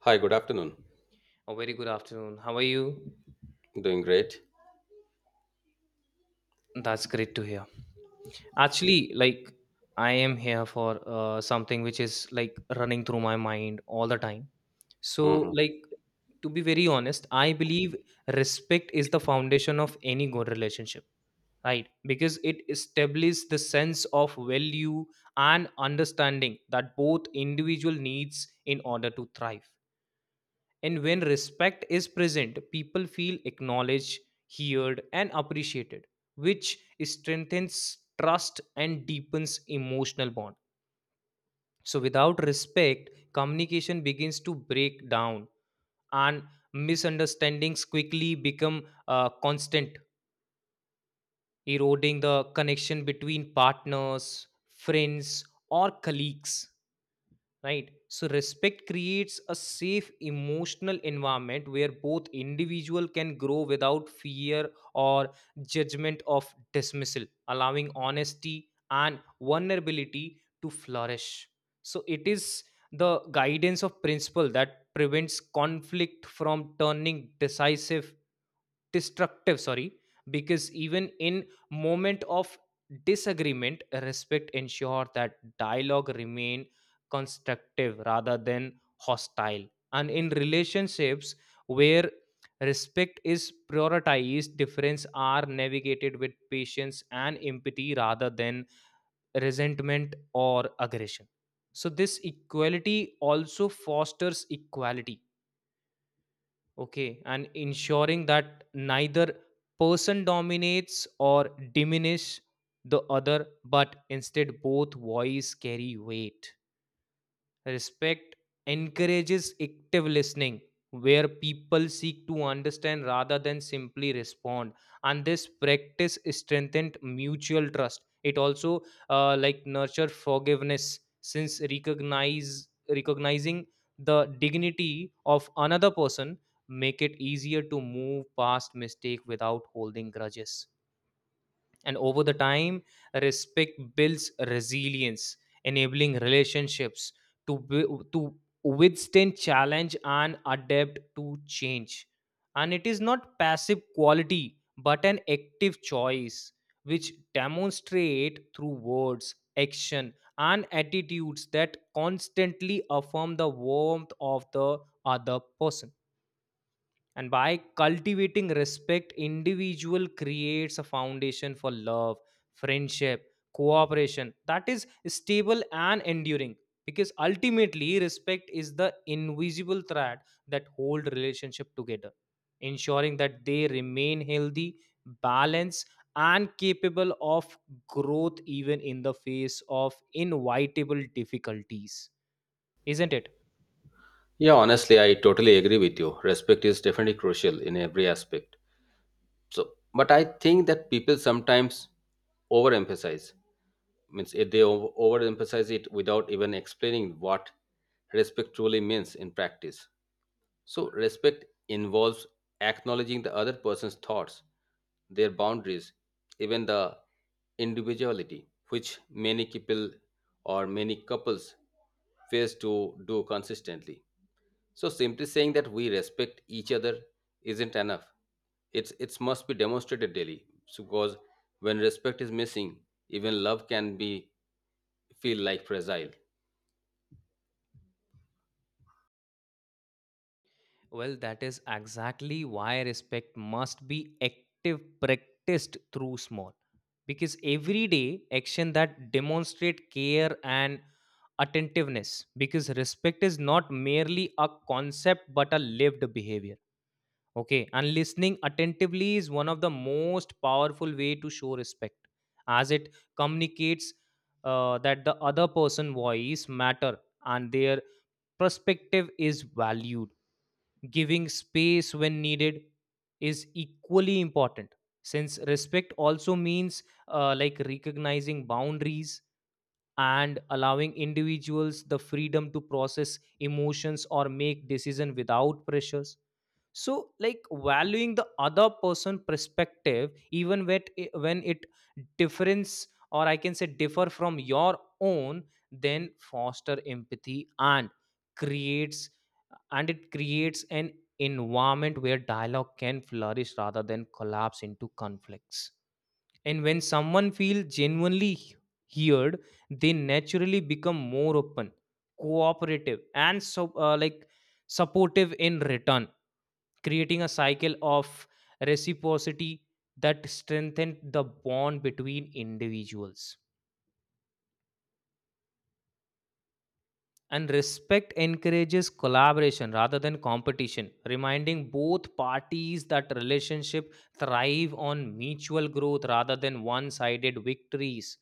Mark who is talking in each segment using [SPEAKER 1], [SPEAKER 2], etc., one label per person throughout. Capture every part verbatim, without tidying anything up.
[SPEAKER 1] Hi, good afternoon.
[SPEAKER 2] A very good afternoon. How are you?
[SPEAKER 1] Doing great.
[SPEAKER 2] That's great to hear. Actually, like I am here for uh, something which is like running through my mind all the time. So,
[SPEAKER 1] Hmm.
[SPEAKER 2] like to be very honest, I believe respect is the foundation of any good relationship, right? Because it establishes the sense of value and understanding that both individual needs in order to thrive. And when respect is present, people feel acknowledged, heard, and appreciated, which strengthens trust and deepens emotional bond. So without respect, communication begins to break down and misunderstandings quickly become uh, constant, eroding the connection between partners, friends, or colleagues. Right, so respect creates a safe emotional environment where both individual can grow without fear or judgment of dismissal, allowing honesty and vulnerability to flourish. So it is the guidance of principle that prevents conflict from turning decisive destructive sorry because even in moment of disagreement, respect ensure that dialogue remain constructive rather than hostile. And in relationships where respect is prioritized, difference are navigated with patience and empathy rather than resentment or aggression. So this equality also fosters equality. Okay, and ensuring that neither person dominates or diminish the other, but instead both voice carry weight. Respect encourages active listening, where people seek to understand rather than simply respond. And this practice strengthened mutual trust. It also uh, like nurture forgiveness, since recognize recognizing the dignity of another person make it easier to move past mistake without holding grudges. And over the time, respect builds resilience, enabling relationships to wi- to withstand challenge and adapt to change. And it is not passive quality but an active choice which demonstrate through words, action and attitudes that constantly affirm the warmth of the other person. And by cultivating respect, individual creates a foundation for love, friendship, cooperation that is stable and enduring. Because ultimately, respect is the invisible thread that hold relationship together, ensuring that they remain healthy, balanced, and capable of growth even in the face of inevitable difficulties. Isn't it?
[SPEAKER 1] Yeah, honestly, I totally agree with you. Respect is definitely crucial in every aspect. So, but I think that people sometimes overemphasize. Means eh, they over- overemphasize it without even explaining what respect truly means in practice. So, respect involves acknowledging the other person's thoughts, their boundaries, even the individuality, which many people or many couples fails to do consistently. So, simply saying that we respect each other isn't enough. It's it must be demonstrated daily. So, because when respect is missing, even love can be feel like fragile.
[SPEAKER 2] Well, that is exactly why respect must be active, practiced through small. Because everyday action that demonstrate care and attentiveness. Because respect is not merely a concept but a lived behavior. Okay, and listening attentively is one of the most powerful way to show respect, as it communicates uh, that the other person voice matter and their perspective is valued. Giving space when needed is equally important, since respect also means uh, like recognizing boundaries and allowing individuals the freedom to process emotions or make decision without pressures. So like valuing the other person perspective, even when it, when it difference, or I can say differ from your own, then foster empathy and creates, and it creates an environment where dialogue can flourish rather than collapse into conflicts. And when someone feels genuinely heard, they naturally become more open, cooperative, and so uh, like supportive in return, creating a cycle of reciprocity that strengthens the bond between individuals. And respect encourages collaboration rather than competition, reminding both parties that relationship thrive on mutual growth rather than one-sided victories.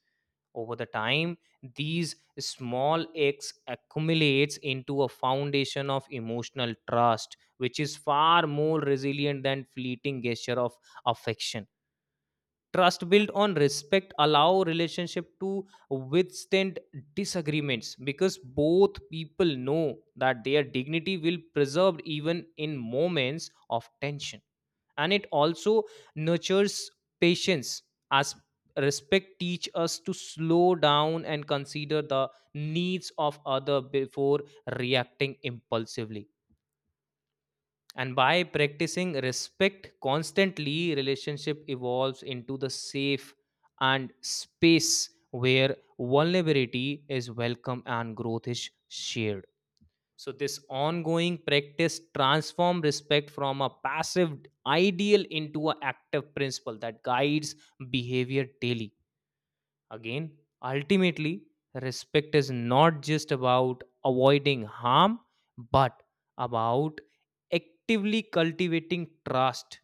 [SPEAKER 2] Over the time, these small acts accumulates into a foundation of emotional trust, which is far more resilient than fleeting gesture of affection. Trust built on respect allow relationship to withstand disagreements because both people know that their dignity will preserved even in moments of tension. And it also nurtures patience, as respect teach us to slow down and consider the needs of other before reacting impulsively. And by practicing respect constantly, relationship evolves into the safe and space where vulnerability is welcome and growth is shared. So this ongoing practice transform respect from a passive ideal into an active principle that guides behavior daily. Again, ultimately, respect is not just about avoiding harm, but about actively cultivating trust,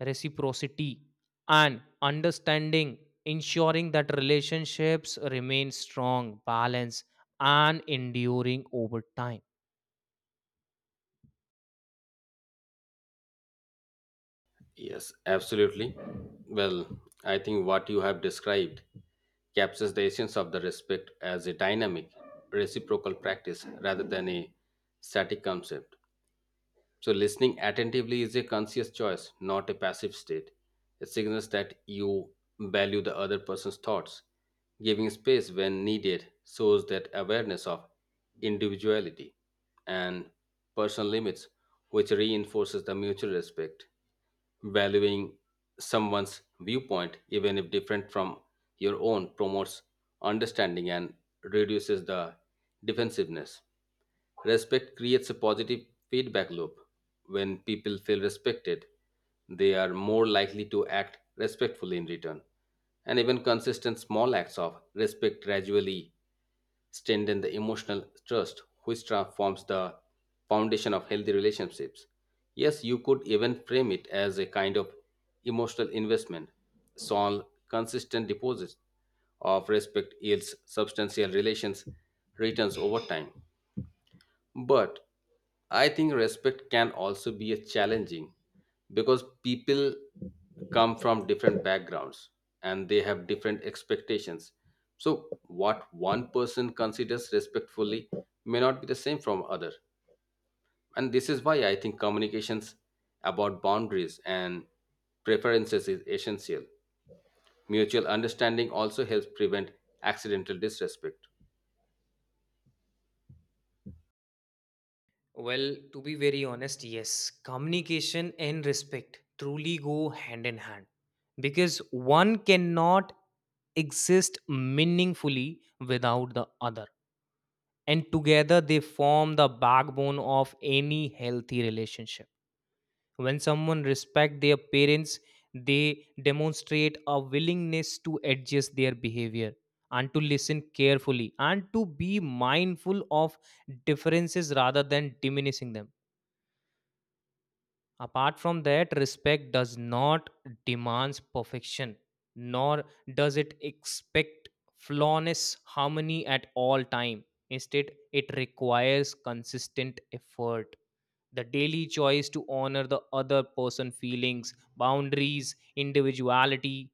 [SPEAKER 2] reciprocity, and understanding, ensuring that relationships remain strong, balanced, and enduring over time.
[SPEAKER 1] Yes, absolutely. Well, I think what you have described captures the essence of the respect as a dynamic, reciprocal practice rather than a static concept. So, listening attentively is a conscious choice, not a passive state. It signals that you value the other person's thoughts. Giving space when needed shows that awareness of individuality and personal limits, which reinforces the mutual respect. Valuing someone's viewpoint, even if different from your own, promotes understanding and reduces the defensiveness. Respect creates a positive feedback loop. When people feel respected, they are more likely to act respectfully in return. And even consistent small acts of respect gradually strengthen the emotional trust, which transforms the foundation of healthy relationships. Yes, you could even frame it as a kind of emotional investment. Small, consistent deposits of respect yields substantial relations returns over time. But I think respect can also be a challenging because people come from different backgrounds and they have different expectations. So what one person considers respectfully may not be the same from other. And this is why I think communications about boundaries and preferences is essential. Mutual understanding also helps prevent accidental disrespect.
[SPEAKER 2] Well, to be very honest, yes, communication and respect truly go hand in hand because one cannot exist meaningfully without the other, and together they form the backbone of any healthy relationship. When someone respects their parents, they demonstrate a willingness to adjust their behavior and to listen carefully and to be mindful of differences rather than diminishing them. Apart from that, respect does not demands perfection, nor does it expect flawless harmony at all time. Instead, it requires consistent effort. The daily choice to honor the other person's feelings, boundaries, individuality,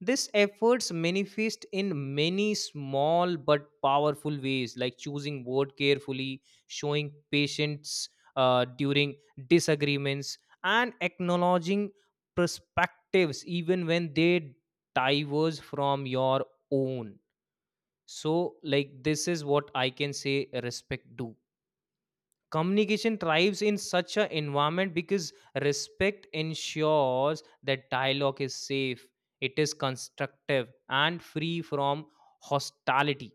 [SPEAKER 2] these efforts manifest in many small but powerful ways, like choosing word carefully, showing patience uh, during disagreements, and acknowledging perspectives even when they diverge from your own. So, like this is what I can say respect do. Communication thrives in such an environment because respect ensures that dialogue is safe, it is constructive and free from hostility.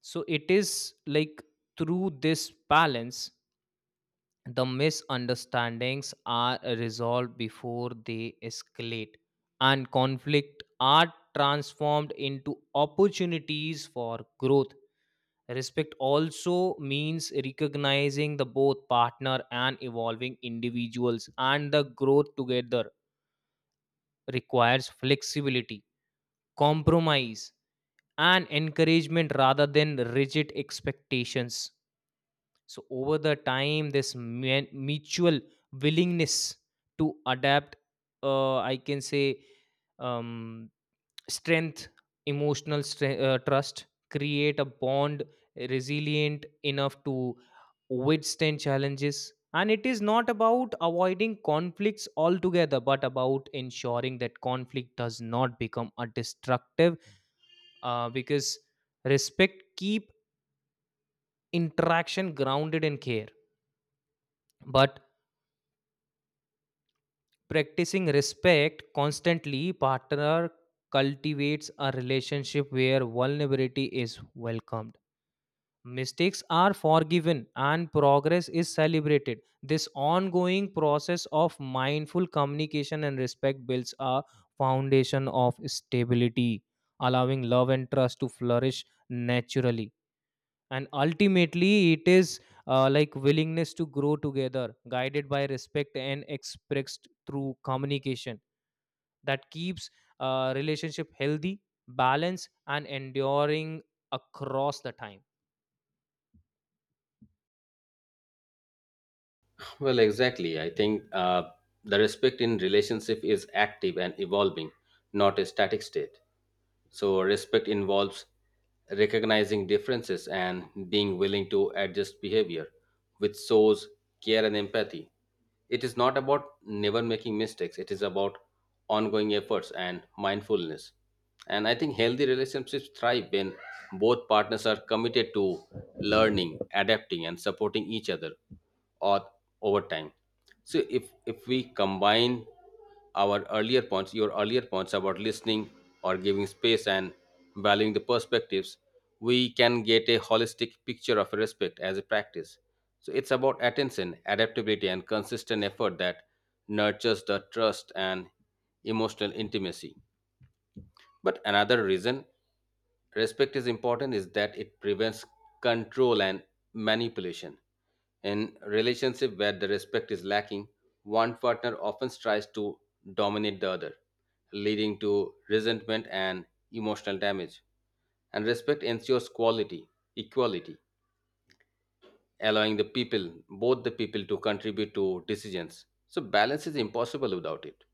[SPEAKER 2] So it is like, through this balance, the misunderstandings are resolved before they escalate, and conflict are transformed into opportunities for growth. Respect also means recognizing the both partner and evolving individuals, and the growth together requires flexibility, compromise, and encouragement rather than rigid expectations. So over the time, this mu- mutual willingness to adapt, uh, I can say, um, strength emotional stre- uh, trust create a bond resilient enough to withstand challenges. And it is not about avoiding conflicts altogether but about ensuring that conflict does not become a destructive uh, because respect keep interaction grounded in care. But practicing respect constantly, partner cultivates a relationship where vulnerability is welcomed, mistakes are forgiven and progress is celebrated. This ongoing process of mindful communication and respect builds a foundation of stability, allowing love and trust to flourish naturally. And ultimately, it is uh, like willingness to grow together, guided by respect and expressed through communication, that keeps uh, relationship healthy, balanced, and enduring across the time.
[SPEAKER 1] Well, exactly. I think uh, the respect in relationship is active and evolving, not a static state. So, respect involves recognizing differences and being willing to adjust behavior, which shows care and empathy. It is not about never making mistakes, it is about ongoing efforts and mindfulness. And I think healthy relationships thrive when both partners are committed to learning, adapting, and supporting each other or over time. So, if, if we combine our earlier points, your earlier points about listening or giving space and valuing the perspectives, we can get a holistic picture of respect as a practice. So it's about attention, adaptability, and consistent effort that nurtures the trust and emotional intimacy. But another reason respect is important is that it prevents control and manipulation. In relationship where the respect is lacking, one partner often tries to dominate the other, leading to resentment and emotional damage. And respect ensures quality, equality, allowing the people, both the people to contribute to decisions. So balance is impossible without it.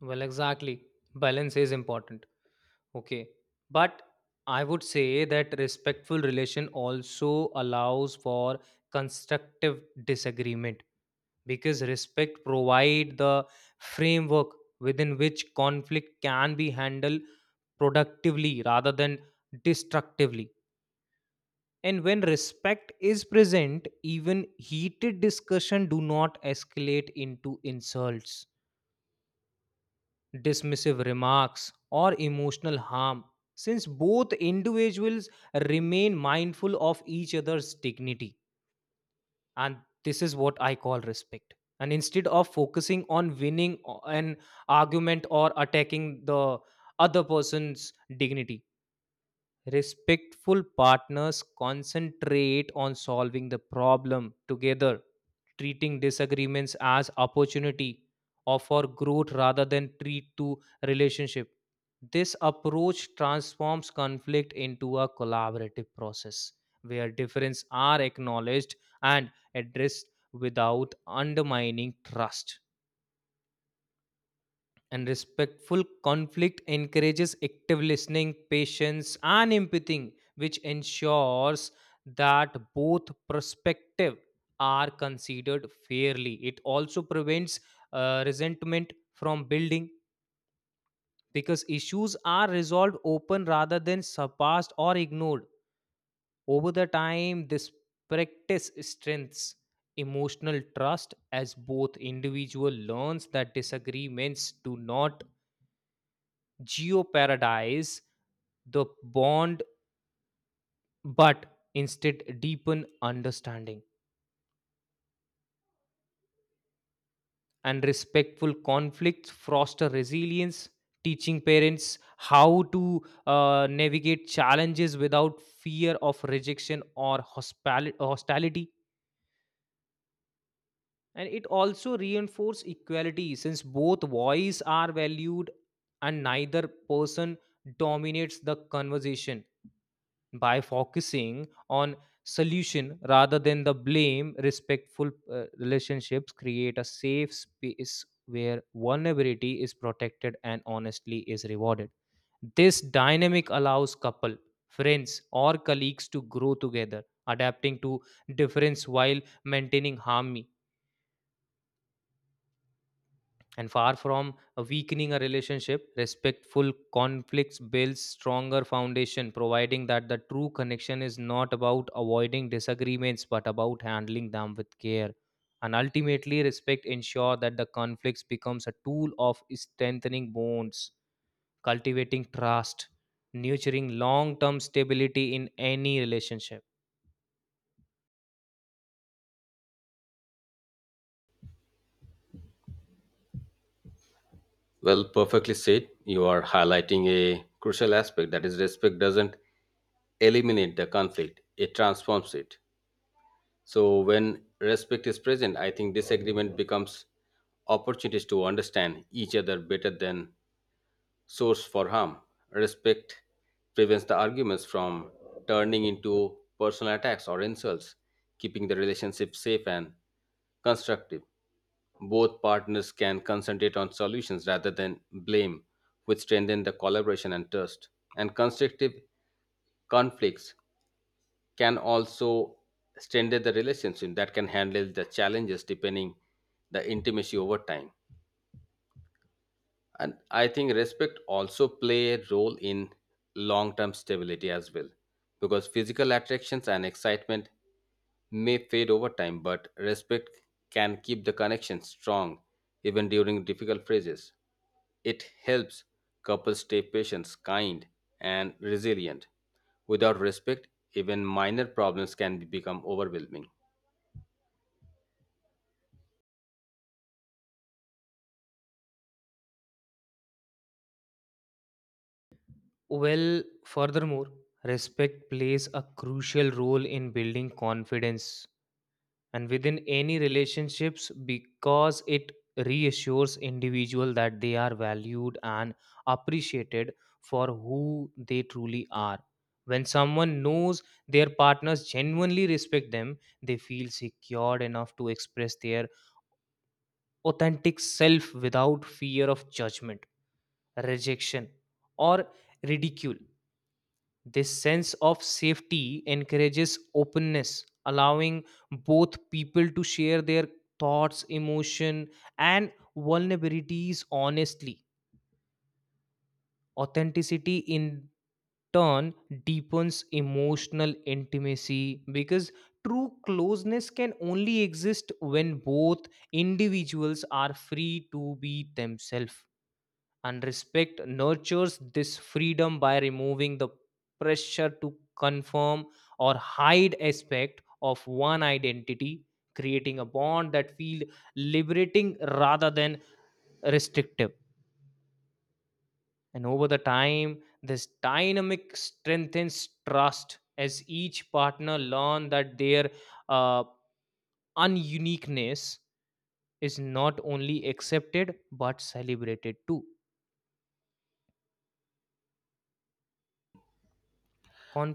[SPEAKER 2] Well, exactly. Balance is important. Okay. But I would say that respectful relation also allows for constructive disagreement because respect provide the framework within which conflict can be handled productively rather than destructively. And when respect is present, even heated discussion do not escalate into insults, dismissive remarks, or emotional harm, since both individuals remain mindful of each other's dignity. And this is what I call respect. And instead of focusing on winning o- an argument or attacking the other person's dignity, respectful partners concentrate on solving the problem together, treating disagreements as opportunity or for growth rather than treat to relationship. This approach transforms conflict into a collaborative process where differences are acknowledged and addressed without undermining trust. And respectful conflict encourages active listening, patience, and empathy, which ensures that both perspectives are considered fairly. It also prevents uh, resentment from building because issues are resolved open rather than surpassed or ignored. Over the time, this practice strengthens emotional trust as both individual learns that disagreements do not geo paradise the bond but instead deepen understanding. And respectful conflicts foster resilience, teaching parents how to uh, navigate challenges without fear of rejection or hospali- hostility. And it also reinforces equality since both voices are valued and neither person dominates the conversation. By focusing on solution rather than the blame, respectful uh, relationships create a safe space where vulnerability is protected and honestly is rewarded. This dynamic allows couple, friends or colleagues to grow together, adapting to difference while maintaining harmony. And far from a weakening a relationship, respectful conflicts builds stronger foundation, providing that the true connection is not about avoiding disagreements but about handling them with care. And ultimately, respect ensure that the conflicts becomes a tool of strengthening bonds, cultivating trust, nurturing long-term stability in any relationship.
[SPEAKER 1] Well, perfectly said. You are highlighting a crucial aspect that is respect doesn't eliminate the conflict, it transforms it. So when respect is present, I think disagreement becomes opportunities to understand each other better than source for harm. Respect prevents the arguments from turning into personal attacks or insults, keeping the relationship safe and constructive. Both partners can concentrate on solutions rather than blame, which strengthen the collaboration and trust. And constructive conflicts can also strengthen the relationship that can handle the challenges depending the intimacy over time. And I think respect also play a role in long term stability as well, because physical attractions and excitement may fade over time, but respect can keep the connection strong even during difficult phases. It helps couples stay patient, kind, and resilient. Without respect, even minor problems can become overwhelming.
[SPEAKER 2] Well, furthermore, respect plays a crucial role in building confidence and within any relationships because it reassures individual that they are valued and appreciated for who they truly are. When someone knows their partners genuinely respect them, they feel secured enough to express their authentic self without fear of judgment, rejection, or ridicule. This sense of safety encourages openness, allowing both people to share their thoughts, emotion, and vulnerabilities honestly. Authenticity in turn deepens emotional intimacy because true closeness can only exist when both individuals are free to be themselves, and respect nurtures this freedom by removing the pressure to confirm or hide aspect of one identity, creating a bond that feel liberating rather than restrictive. And over the time, this dynamic strengthens trust as each partner learn that their uh, ununiqueness is not only accepted but celebrated too.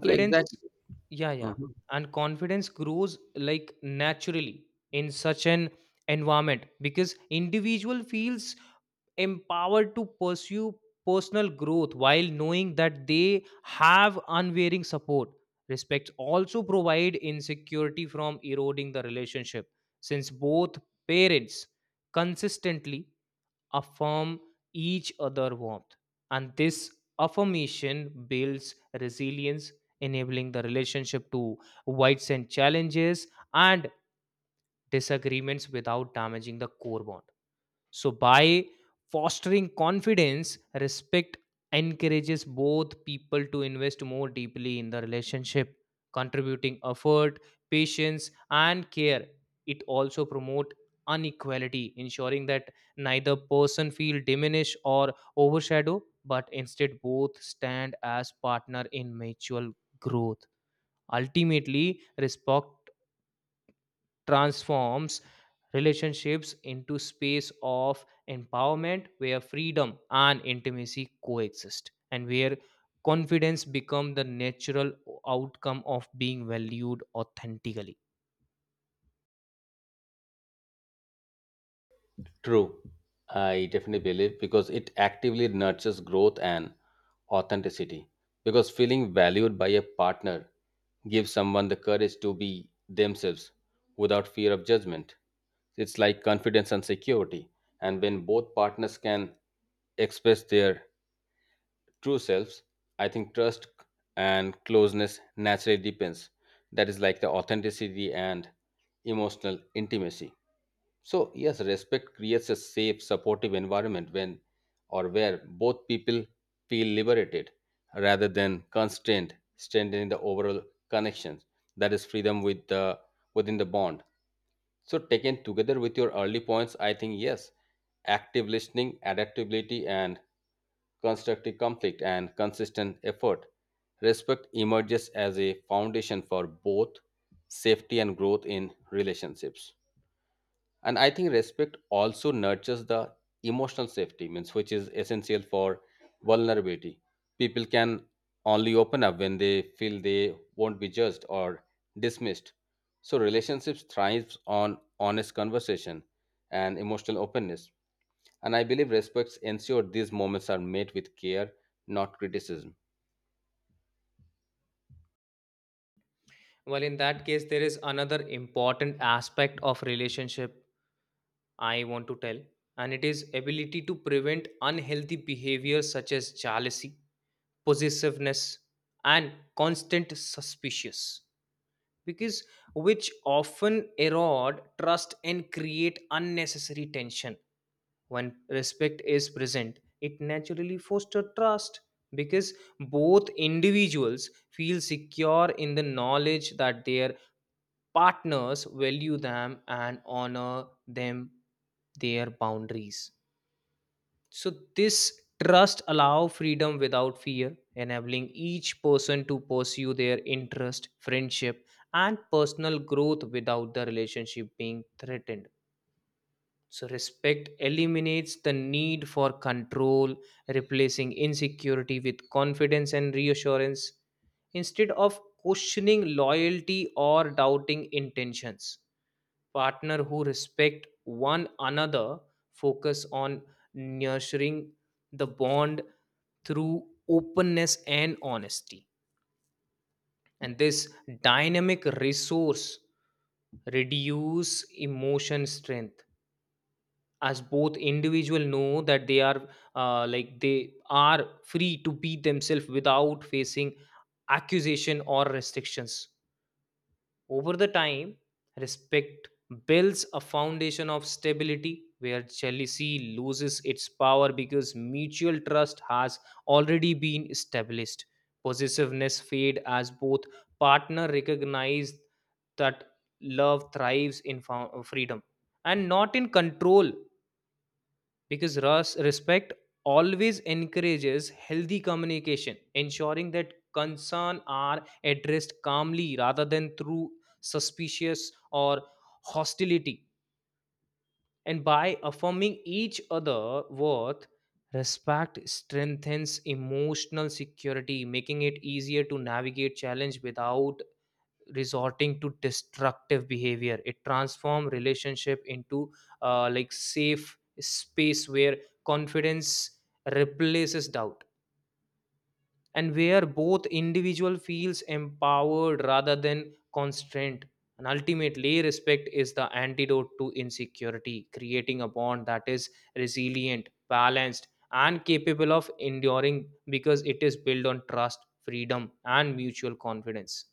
[SPEAKER 1] Well, exactly.
[SPEAKER 2] yeah, yeah.
[SPEAKER 1] Mhm.
[SPEAKER 2] And confidence grows like naturally in such an environment because individual feels empowered to pursue personal growth while knowing that they have unwavering support. Respect also provide insecurity from eroding the relationship since both parents consistently affirm each other warmth, and this affirmation builds resilience, enabling the relationship to withstand challenges and disagreements without damaging the core bond. So, by fostering confidence, respect encourages both people to invest more deeply in the relationship, contributing effort, patience, and care. It also promotes unequality, ensuring that neither person feel diminished or overshadowed, but instead both stand as partner in mutual growth. Ultimately, respect transforms relationships into space of empowerment where freedom and intimacy coexist and where confidence become the natural outcome of being valued authentically.
[SPEAKER 1] True. I definitely believe because it actively nurtures growth and authenticity. Because feeling valued by a partner gives someone the courage to be themselves without fear of judgment. It's like confidence and security. And when both partners can express their true selves, I think trust and closeness naturally depends. That is like the authenticity and emotional intimacy. So yes, respect creates a safe, supportive environment when or where both people feel liberated rather than constrained, strengthening the overall connections. That is freedom with the within the bond. So, taken together with your early points, I think yes, active listening, adaptability, and constructive conflict and consistent effort. Respect emerges as a foundation for both safety and growth in relationships. And I think respect also nurtures the emotional safety means, which is essential for vulnerability. People can only open up when they feel they won't be judged or dismissed. So relationships thrives on honest conversation and emotional openness, and I believe respects ensure these moments are made with care, not criticism.
[SPEAKER 2] Well, in that case there is another important aspect of relationship I want to tell, and it is ability to prevent unhealthy behavior such as jealousy, possessiveness, and constant suspicious, because which often erode trust and create unnecessary tension. When respect is present, it naturally fosters trust, because both individuals feel secure in the knowledge that their partners value them and honor them, their boundaries. So this trust allow freedom without fear, enabling each person to pursue their interest, friendship, and personal growth without the relationship being threatened. So respect eliminates the need for control, replacing insecurity with confidence and reassurance. Instead of questioning loyalty or doubting intentions, partner who respect one another focus on nurturing the bond through openness and honesty. And this dynamic resource reduce emotion strength, as both individual know that they are uh, like they are free to be themselves without facing accusation or restrictions. Over the time, respect builds a foundation of stability where jealousy loses its power because mutual trust has already been established. Possessiveness fades as both partners recognize that love thrives in fo- freedom and not in control, because res- respect always encourages healthy communication, ensuring that concern are addressed calmly rather than through suspicious or hostility. And by affirming each other worth, respect strengthens emotional security, making it easier to navigate challenge without resorting to destructive behavior. It transforms relationship into uh, like safe space where confidence replaces doubt and where both individual feels empowered rather than constrained. And ultimately, respect is the antidote to insecurity, creating a bond that is resilient, balanced, and capable of enduring because it is built on trust, freedom, and mutual confidence.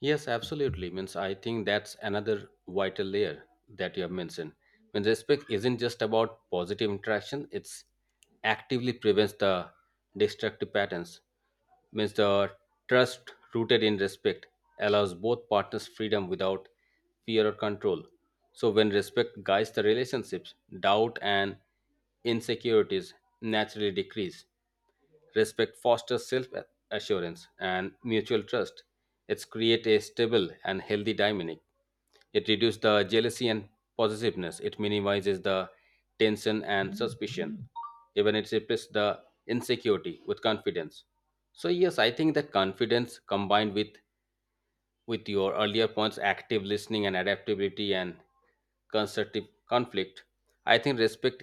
[SPEAKER 1] Yes, absolutely. Means I think that's another vital layer that you have mentioned. When respect isn't just about positive interaction, it's actively prevents the destructive patterns. Means the trust rooted in respect allows both partners freedom without fear or control. So when respect guides the relationships, doubt and insecurities naturally decrease. Respect fosters self assurance and mutual trust. It's create a stable and healthy dynamic. It reduces the jealousy and possessiveness. It minimizes the tension and suspicion. Even it replaces the insecurity with confidence. So yes, I think that confidence combined with with your earlier points active listening and adaptability and constructive conflict, I think respect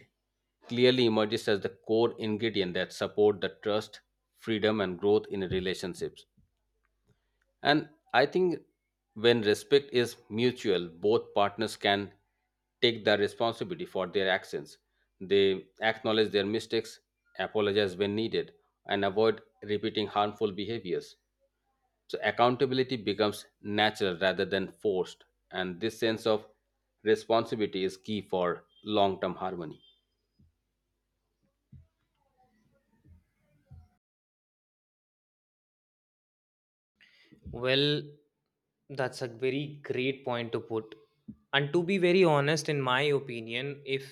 [SPEAKER 1] clearly emerges as the core ingredient that support the trust, freedom and growth in relationships. And I think when respect is mutual, both partners can take the responsibility for their actions. They acknowledge their mistakes, apologize when needed, and avoid repeating harmful behaviors. So accountability becomes natural rather than forced, and this sense of responsibility is key for long-term harmony.
[SPEAKER 2] Well, that's a very great point to put. And to be very honest, in my opinion, if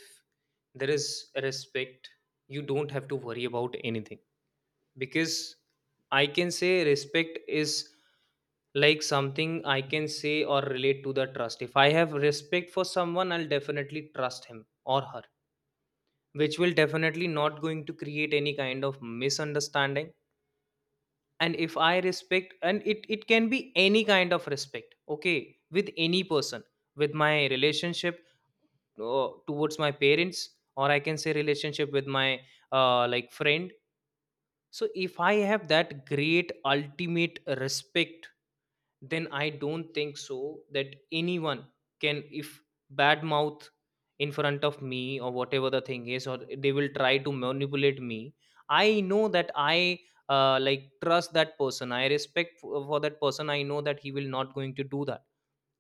[SPEAKER 2] there is respect, you don't have to worry about anything. Because I can say respect is like something I can say or relate to the trust. If I have respect for someone, I'll definitely trust him or her, which will definitely not going to create any kind of misunderstanding. And if I respect, and it it can be any kind of respect, okay, with any person, with my relationship, uh, towards my parents, or I can say relationship with my uh, like friend. So if I have that great ultimate respect, then I don't think so that anyone can, if badmouth in front of me or whatever the thing is, or they will try to manipulate me. I know that I uh, like trust that person. I respect for, for that person. I know that he will not going to do that.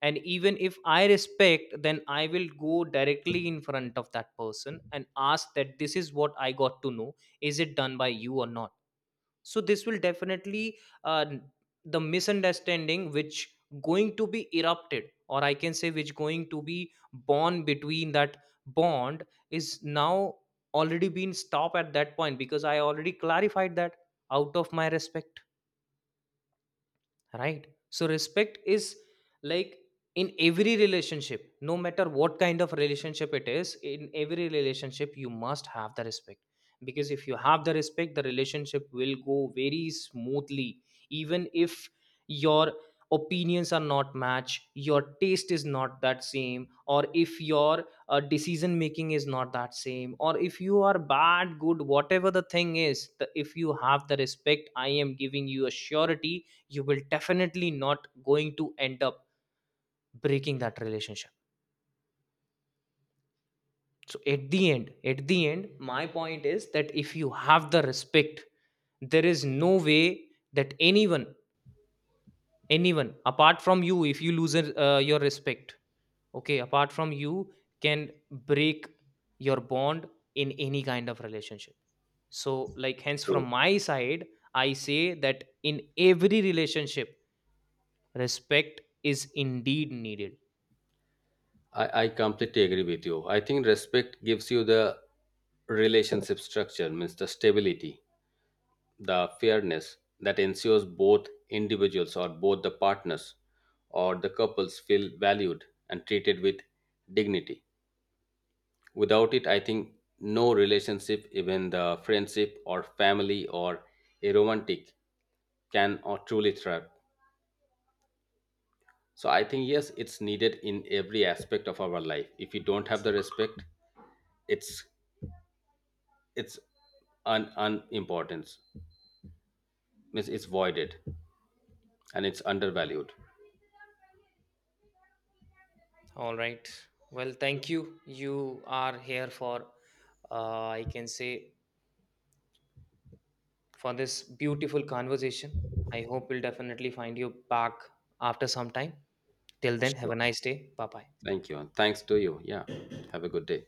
[SPEAKER 2] And even if I respect, then I will go directly in front of that person and ask that this is what I got to know. Is it done by you or not? So this will definitely uh, the misunderstanding which going to be erupted, or I can say which going to be born between that bond, is now already been stopped at that point because I already clarified that out of my respect. Right? So respect is like, in every relationship, no matter what kind of relationship it is, in every relationship you must have the respect. Because if you have the respect, the relationship will go very smoothly. Even if your opinions are not match, your taste is not that same, or if your uh, decision making is not that same, or if you are bad, good, whatever the thing is, the, if you have the respect, I am giving you a surety, you will definitely not going to end up breaking that relationship. So at the end at the end my point is that if you have the respect, there is no way that anyone, anyone apart from you, if you lose uh, your respect, okay, apart from you, can break your bond in any kind of relationship. So like, hence, from
[SPEAKER 1] True.
[SPEAKER 2] my side, I say that in every relationship, respect is indeed needed.
[SPEAKER 1] I, I completely agree with you. I think respect gives you the relationship structure, means the stability, the fairness that ensures both individuals or both the partners or the couples feel valued and treated with dignity. Without it, I think no relationship, even the friendship or family or a romantic, can or truly thrive. So I think yes, it's needed in every aspect of our life. If you don't have the respect, it's it's un unimportance. Means it's voided and it's undervalued.
[SPEAKER 2] All right. Well, thank you. You are here for, uh, I can say, for this beautiful conversation. I hope we'll definitely find you back after some time. Till then, have
[SPEAKER 1] Sure.
[SPEAKER 2] a nice day. Bye bye.
[SPEAKER 1] Thank you. And thanks to you. Yeah. Have a good day.